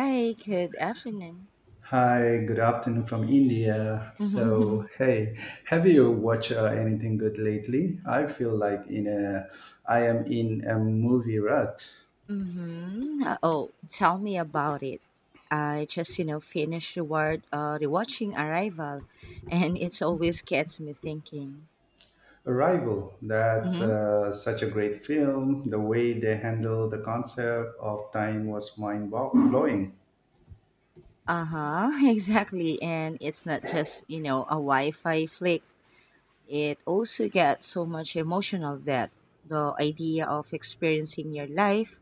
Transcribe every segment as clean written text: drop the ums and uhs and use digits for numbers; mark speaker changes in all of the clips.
Speaker 1: Hi, good afternoon.
Speaker 2: Hi, good afternoon from India. So,
Speaker 1: Mhm.
Speaker 2: hey, have you watched anything good lately? I feel like I am in a movie rut.
Speaker 1: Mm-hmm. Oh, tell me about it. I just, you know, finished rewatching Arrival, and it's always gets me thinking.
Speaker 2: Arrival. That's
Speaker 1: Mhm.
Speaker 2: such a great film. The way they handle the concept of time was mind blowing.
Speaker 1: Uh-huh, exactly. And it's not just, you know, a Wi-Fi flick. It also gets so much emotional that the idea of experiencing your life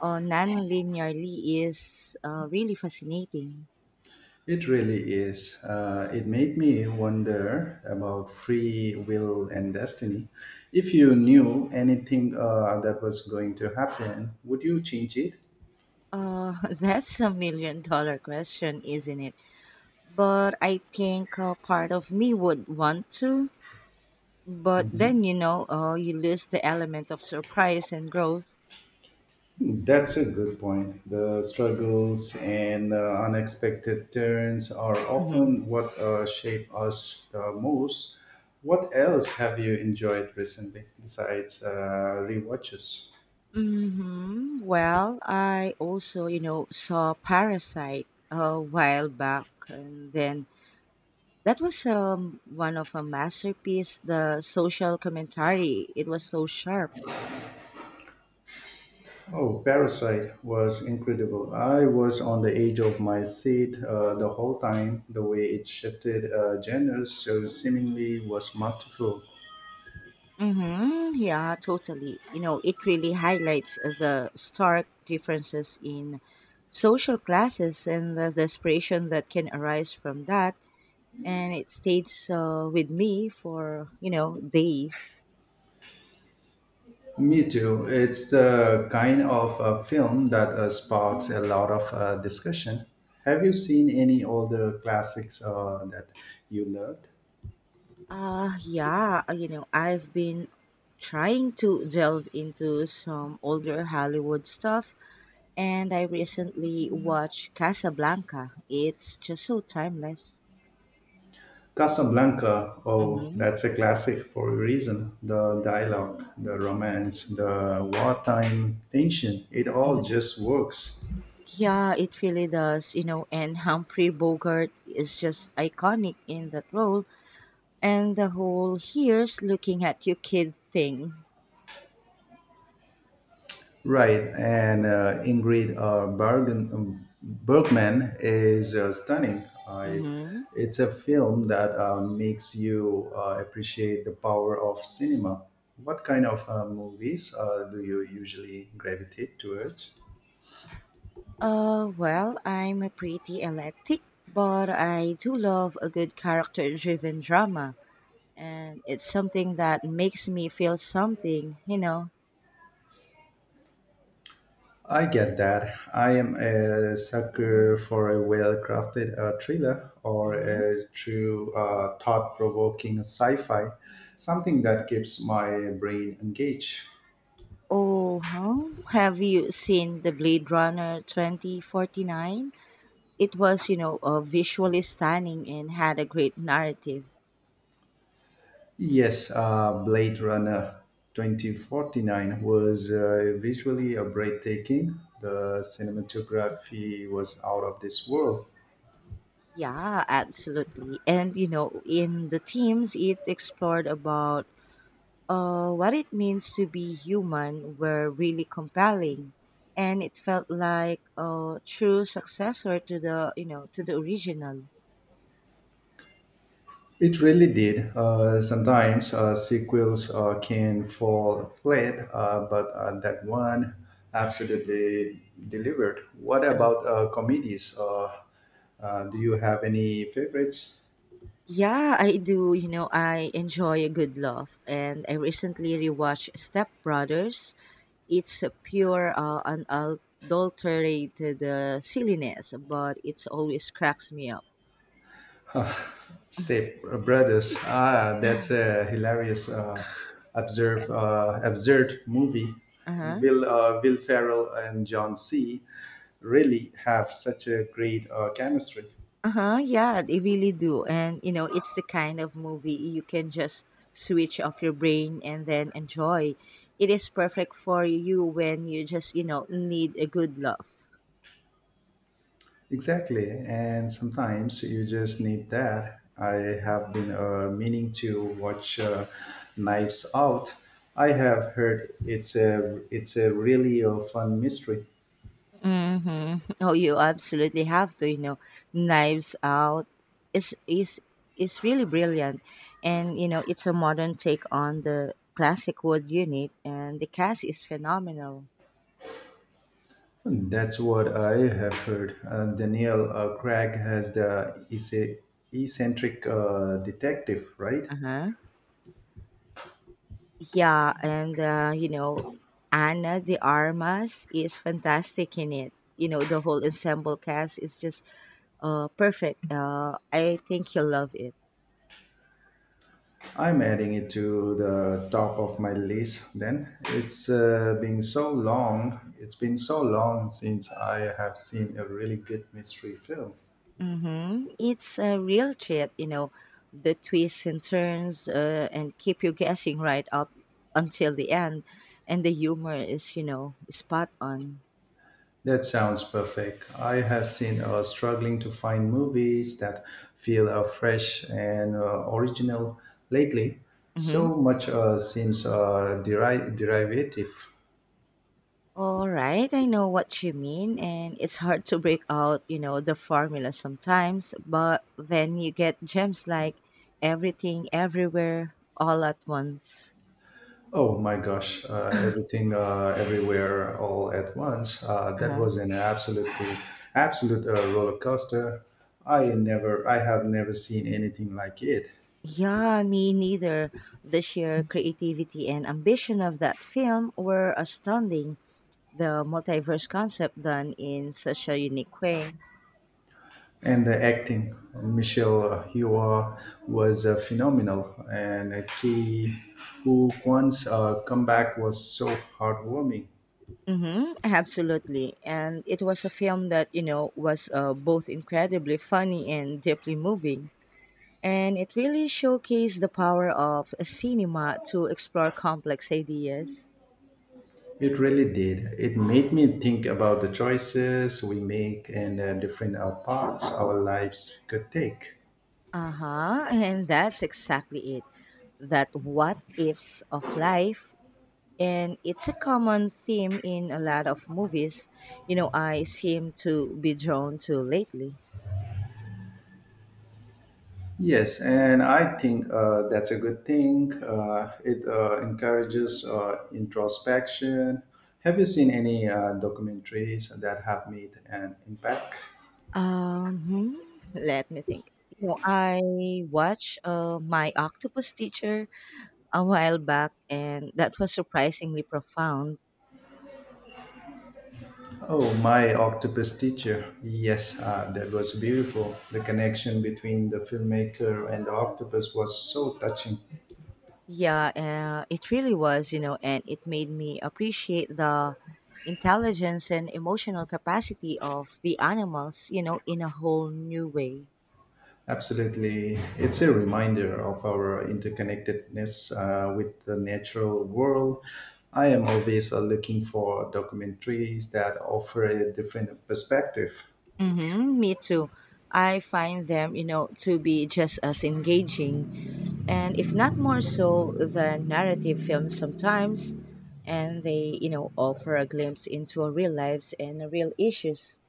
Speaker 1: non-linearly is really fascinating.
Speaker 2: It really is. It made me wonder about free will and destiny. If you knew anything that was going to happen, would you change it?
Speaker 1: That's a million dollar question, isn't it? But I think part of me would want to. But
Speaker 2: Mm-hmm.
Speaker 1: then, you know, you lose the element of surprise and growth.
Speaker 2: That's a good point. The struggles and the unexpected turns are
Speaker 1: hmm
Speaker 2: often what shape us the most. What else have you enjoyed recently besides rewatches?
Speaker 1: Well, I also, you know, saw Parasite a while back. And then that was one of a masterpiece, the social commentary. It was so sharp.
Speaker 2: Oh, Parasite was incredible. I was on the edge of my seat the whole time. The way it shifted genres so seemingly was masterful.
Speaker 1: Mm-hmm. Yeah, totally. You know, it really highlights the stark differences in social classes and the desperation that can arise from that. And it stayed so with me for, you know, days.
Speaker 2: Me too. It's the kind of film that sparks a lot of discussion. Have you seen any older classics that you loved?
Speaker 1: Yeah, you know, I've been trying to delve into some older Hollywood stuff. And I recently watched Casablanca. It's just so timeless.
Speaker 2: Casablanca, oh,
Speaker 1: Mm-hmm.
Speaker 2: that's a classic for a reason. The dialogue, the romance, the wartime tension, it all just works.
Speaker 1: Yeah, it really does, you know, and Humphrey Bogart is just iconic in that role and the whole here's looking at you kid thing.
Speaker 2: Right, and Ingrid Bergman is stunning.
Speaker 1: Mm-hmm.
Speaker 2: It's a film that makes you appreciate the power of cinema. What kind of movies do you usually gravitate towards?
Speaker 1: Well, I'm a pretty eclectic, but I do love a good character-driven drama, and it's something that makes me feel something, you know.
Speaker 2: I get that. I am a sucker for a well crafted thriller or
Speaker 1: hmm
Speaker 2: a true thought provoking sci fi, something that keeps my brain engaged.
Speaker 1: Oh, huh? Have you seen the Blade Runner 2049? It was, you know, visually stunning and had a great narrative.
Speaker 2: Yes, Blade Runner 2049 was visually a breathtaking. The cinematography was out of this world.
Speaker 1: Yeah, absolutely, and you know in the themes it explored about what it means to be human were really compelling, and it felt like a true successor to the, you know, to the original.
Speaker 2: It really did. Sometimes sequels can fall flat, but that one absolutely delivered. What
Speaker 1: Um,
Speaker 2: about comedies? Do you have any favorites?
Speaker 1: yeah I do, you know, I enjoy a good laugh, and I recently rewatched Step Brothers. It's a pure, unadulterated silliness, but it's always cracks me up.
Speaker 2: Step Brothers. Ah, that's a hilarious, absurd movie.
Speaker 1: Uh-huh.
Speaker 2: Will Ferrell and John C. really have such a great chemistry?
Speaker 1: Uh-huh. Yeah, they really do. And you know, it's the kind of movie you can just switch off your brain and then enjoy. It is perfect for you when you just, you know, need a good laugh.
Speaker 2: Exactly, and sometimes you just need that. I have been meaning to watch Knives Out. I have heard it's a really fun mystery.
Speaker 1: Oh, you absolutely have to, you know, Knives Out is is is really brilliant, and you know it's a modern take on the classic wood unit, and the cast is phenomenal.
Speaker 2: That's what I have heard. Daniel Craig has the eccentric detective, right?
Speaker 1: Uh huh. Yeah, and you know, Anna de Armas is fantastic in it. You know, the whole ensemble cast is just perfect. I think you'll love it.
Speaker 2: I'm adding it to the top of my list. Then it's been so long. It's been so long since I have seen a really good mystery film.
Speaker 1: Mm-hmm. It's a real treat, you know, the twists and turns and keep you guessing right up until the end. And the humor is, you know, spot on.
Speaker 2: That sounds perfect. I have seen struggling to find movies that feel fresh and original lately.
Speaker 1: Mm-hmm.
Speaker 2: So much seems derivative.
Speaker 1: All right, I know what you mean. And it's hard to break out, you know, the formula sometimes, but then you get gems like Everything, Everywhere, All at Once.
Speaker 2: Oh my gosh, everything everywhere all at once. That
Speaker 1: Uh-huh.
Speaker 2: was an absolutely absolute roller coaster. I have never seen anything like it.
Speaker 1: Yeah, me neither. The sheer creativity and ambition of that film were astounding, the multiverse concept done in such a unique way.
Speaker 2: And the acting, Michelle Yeoh was phenomenal, and Ki Hu Kwan's comeback was so heartwarming.
Speaker 1: Mm-hmm, absolutely. And it was a film that, you know, was both incredibly funny and deeply moving. And it really showcased the power of a cinema to explore complex ideas.
Speaker 2: It really did. It made me think about the choices we make and different paths our lives could take.
Speaker 1: Uh huh. And that's exactly it. That what ifs of life. And it's a common theme in a lot of movies, you know, I seem to be drawn to lately.
Speaker 2: Yes, and I think that's a good thing. It encourages introspection. Have you seen any documentaries that have made an impact?
Speaker 1: Um, hmm, let me think. You know, I watched My Octopus Teacher a while back, and that was surprisingly profound.
Speaker 2: Oh, my octopus teacher. Yes, that was beautiful. The connection between the filmmaker and the octopus was so touching.
Speaker 1: Yeah, it really was, you know, and it made me appreciate the intelligence and emotional capacity of the animals, you know, in a whole new way.
Speaker 2: Absolutely. It's a reminder of our interconnectedness with the natural world. I am always looking for documentaries that offer a different perspective.
Speaker 1: Mm-hmm, me too. I find them, you know, to be just as engaging, and if not more so than narrative films sometimes. And they, you know, offer a glimpse into our real lives and our real issues.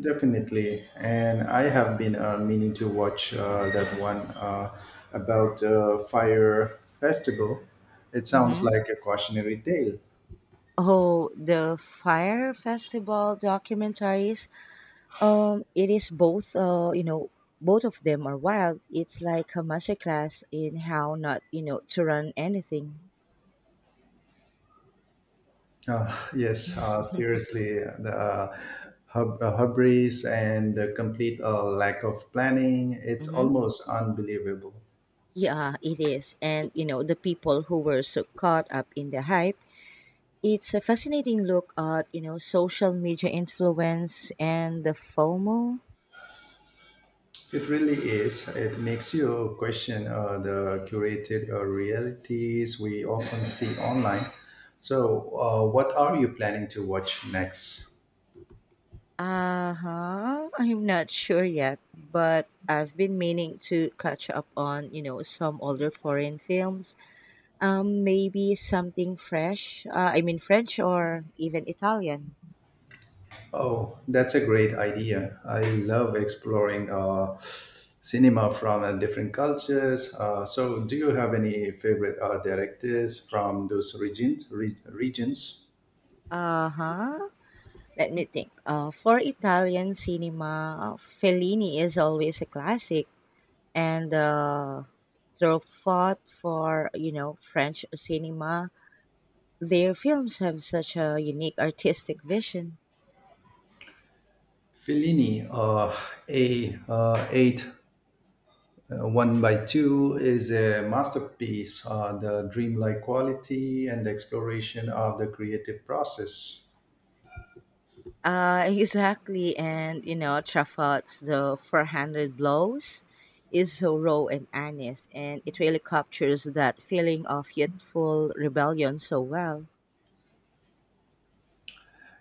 Speaker 2: Definitely, and I have been meaning to watch that one about fire festival. It sounds
Speaker 1: Mm-hmm.
Speaker 2: like a cautionary tale.
Speaker 1: Oh, the Fire Festival documentaries. It is both. You know, both of them are wild. It's like a masterclass in how not, you know, to run anything.
Speaker 2: Uh, yes, seriously, the hubris and the complete lack of planning—it's almost unbelievable.
Speaker 1: Yeah, it is. And, you know, the people who were so caught up in the hype, it's a fascinating look at, you know, social media influence and the FOMO.
Speaker 2: It really is. It makes you question the curated realities we often see online. So, what are you planning to watch next?
Speaker 1: Uh huh. I'm not sure yet, but I've been meaning to catch up on, you know, some older foreign films. Maybe something fresh. I mean, French or even Italian.
Speaker 2: Oh, that's a great idea. I love exploring cinema from different cultures. So, do you have any favorite directors from those regions? Regions?
Speaker 1: Uh huh. Let me think. For Italian cinema, Fellini is always a classic. And through fought for, you know, French cinema. Their films have such a unique artistic vision.
Speaker 2: Fellini, a eight one by two is a masterpiece on the dreamlike quality and exploration of the creative process.
Speaker 1: Exactly, and you know Truffaut's The 400 Blows is so raw and honest, and it really captures that feeling of youthful rebellion so well.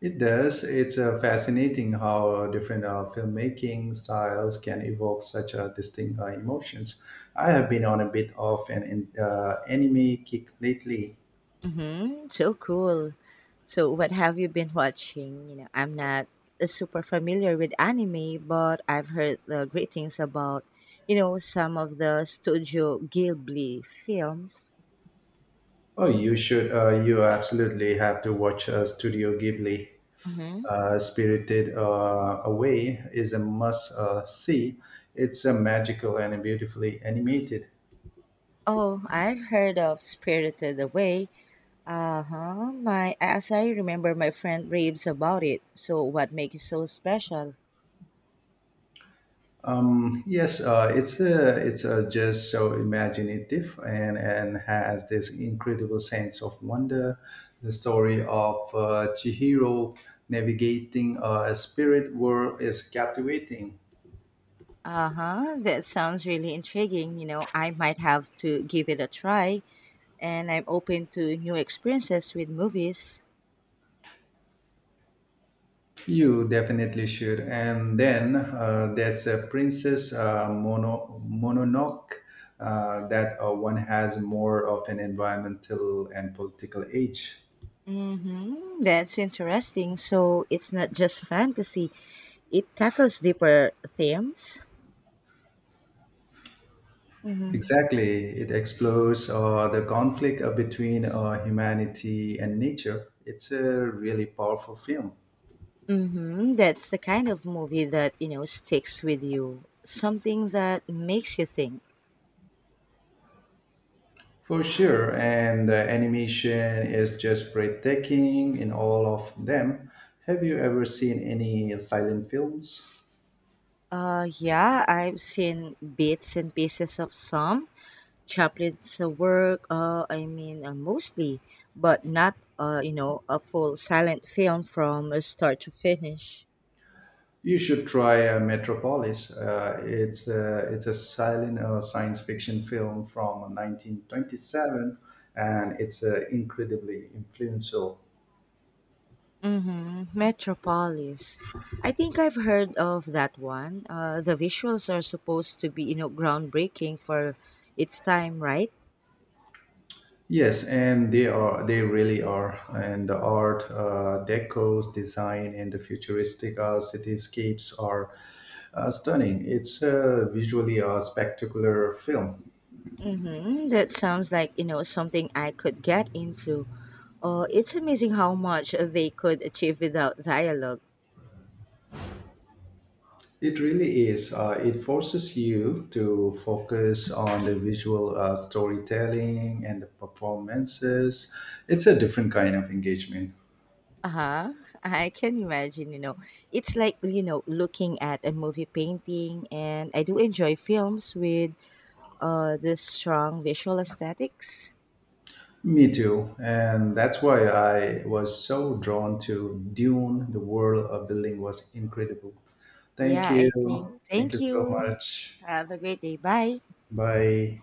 Speaker 2: It does. It's fascinating how different filmmaking styles can evoke such distinct emotions. I have been on a bit of an anime kick lately.
Speaker 1: Mm-hmm. So cool. So what have you been watching? You know, I'm not super familiar with anime, but I've heard the great things about, you know, some of the Studio Ghibli films.
Speaker 2: Oh, you should. You absolutely have to watch Studio Ghibli.
Speaker 1: Mm-hmm.
Speaker 2: Spirited Away is a must see. It's a magical and beautifully animated.
Speaker 1: Oh, I've heard of Spirited Away. Uh-huh. My as I remember my friend raves about it. So what makes it so special?
Speaker 2: Yes, it's a just so imaginative and has this incredible sense of wonder. The story of Chihiro navigating a spirit world is captivating.
Speaker 1: Uh-huh. That sounds really intriguing. You know, I might have to give it a try, and I'm open to new experiences with movies.
Speaker 2: You definitely should. And then there's a Princess Mononoke that one has more of an environmental and political age.
Speaker 1: Mm-hmm. That's interesting. So it's not just fantasy, it tackles deeper themes. Mm-hmm.
Speaker 2: Exactly. It explores the conflict between humanity and nature. It's a really powerful film.
Speaker 1: Mm-hmm. That's the kind of movie that, you know, sticks with you. Something that makes you think.
Speaker 2: For sure. And the animation is just breathtaking in all of them. Have you ever seen any silent films?
Speaker 1: Yeah, I've seen bits and pieces of some Chaplin's work, I mean, mostly, but not, you know, a full silent film from start to finish.
Speaker 2: You should try Metropolis. It's a silent science fiction film from 1927, and it's incredibly influential.
Speaker 1: Mm-hmm. Metropolis. I think I've heard of that one. The visuals are supposed to be, you know, groundbreaking for its time, right?
Speaker 2: Yes, and they really are, and the art, deco's design, and the futuristic cityscapes are stunning. It's visually a spectacular film.
Speaker 1: Mm-hmm. That sounds like, you know, something I could get into. Oh, it's amazing how much they could achieve without dialogue.
Speaker 2: It really is. It forces you to focus on the visual storytelling and the performances. It's a different kind of engagement.
Speaker 1: Uh-huh. I can imagine, you know. It's like, you know, looking at a movie painting, and I do enjoy films with this strong visual aesthetics.
Speaker 2: Me too. And that's why I was so drawn to Dune. The world of building was incredible. Thank
Speaker 1: Yeah,
Speaker 2: you.
Speaker 1: I think.
Speaker 2: Thank you
Speaker 1: Thank
Speaker 2: so
Speaker 1: you.
Speaker 2: much.
Speaker 1: Have a great day. Bye.
Speaker 2: Bye.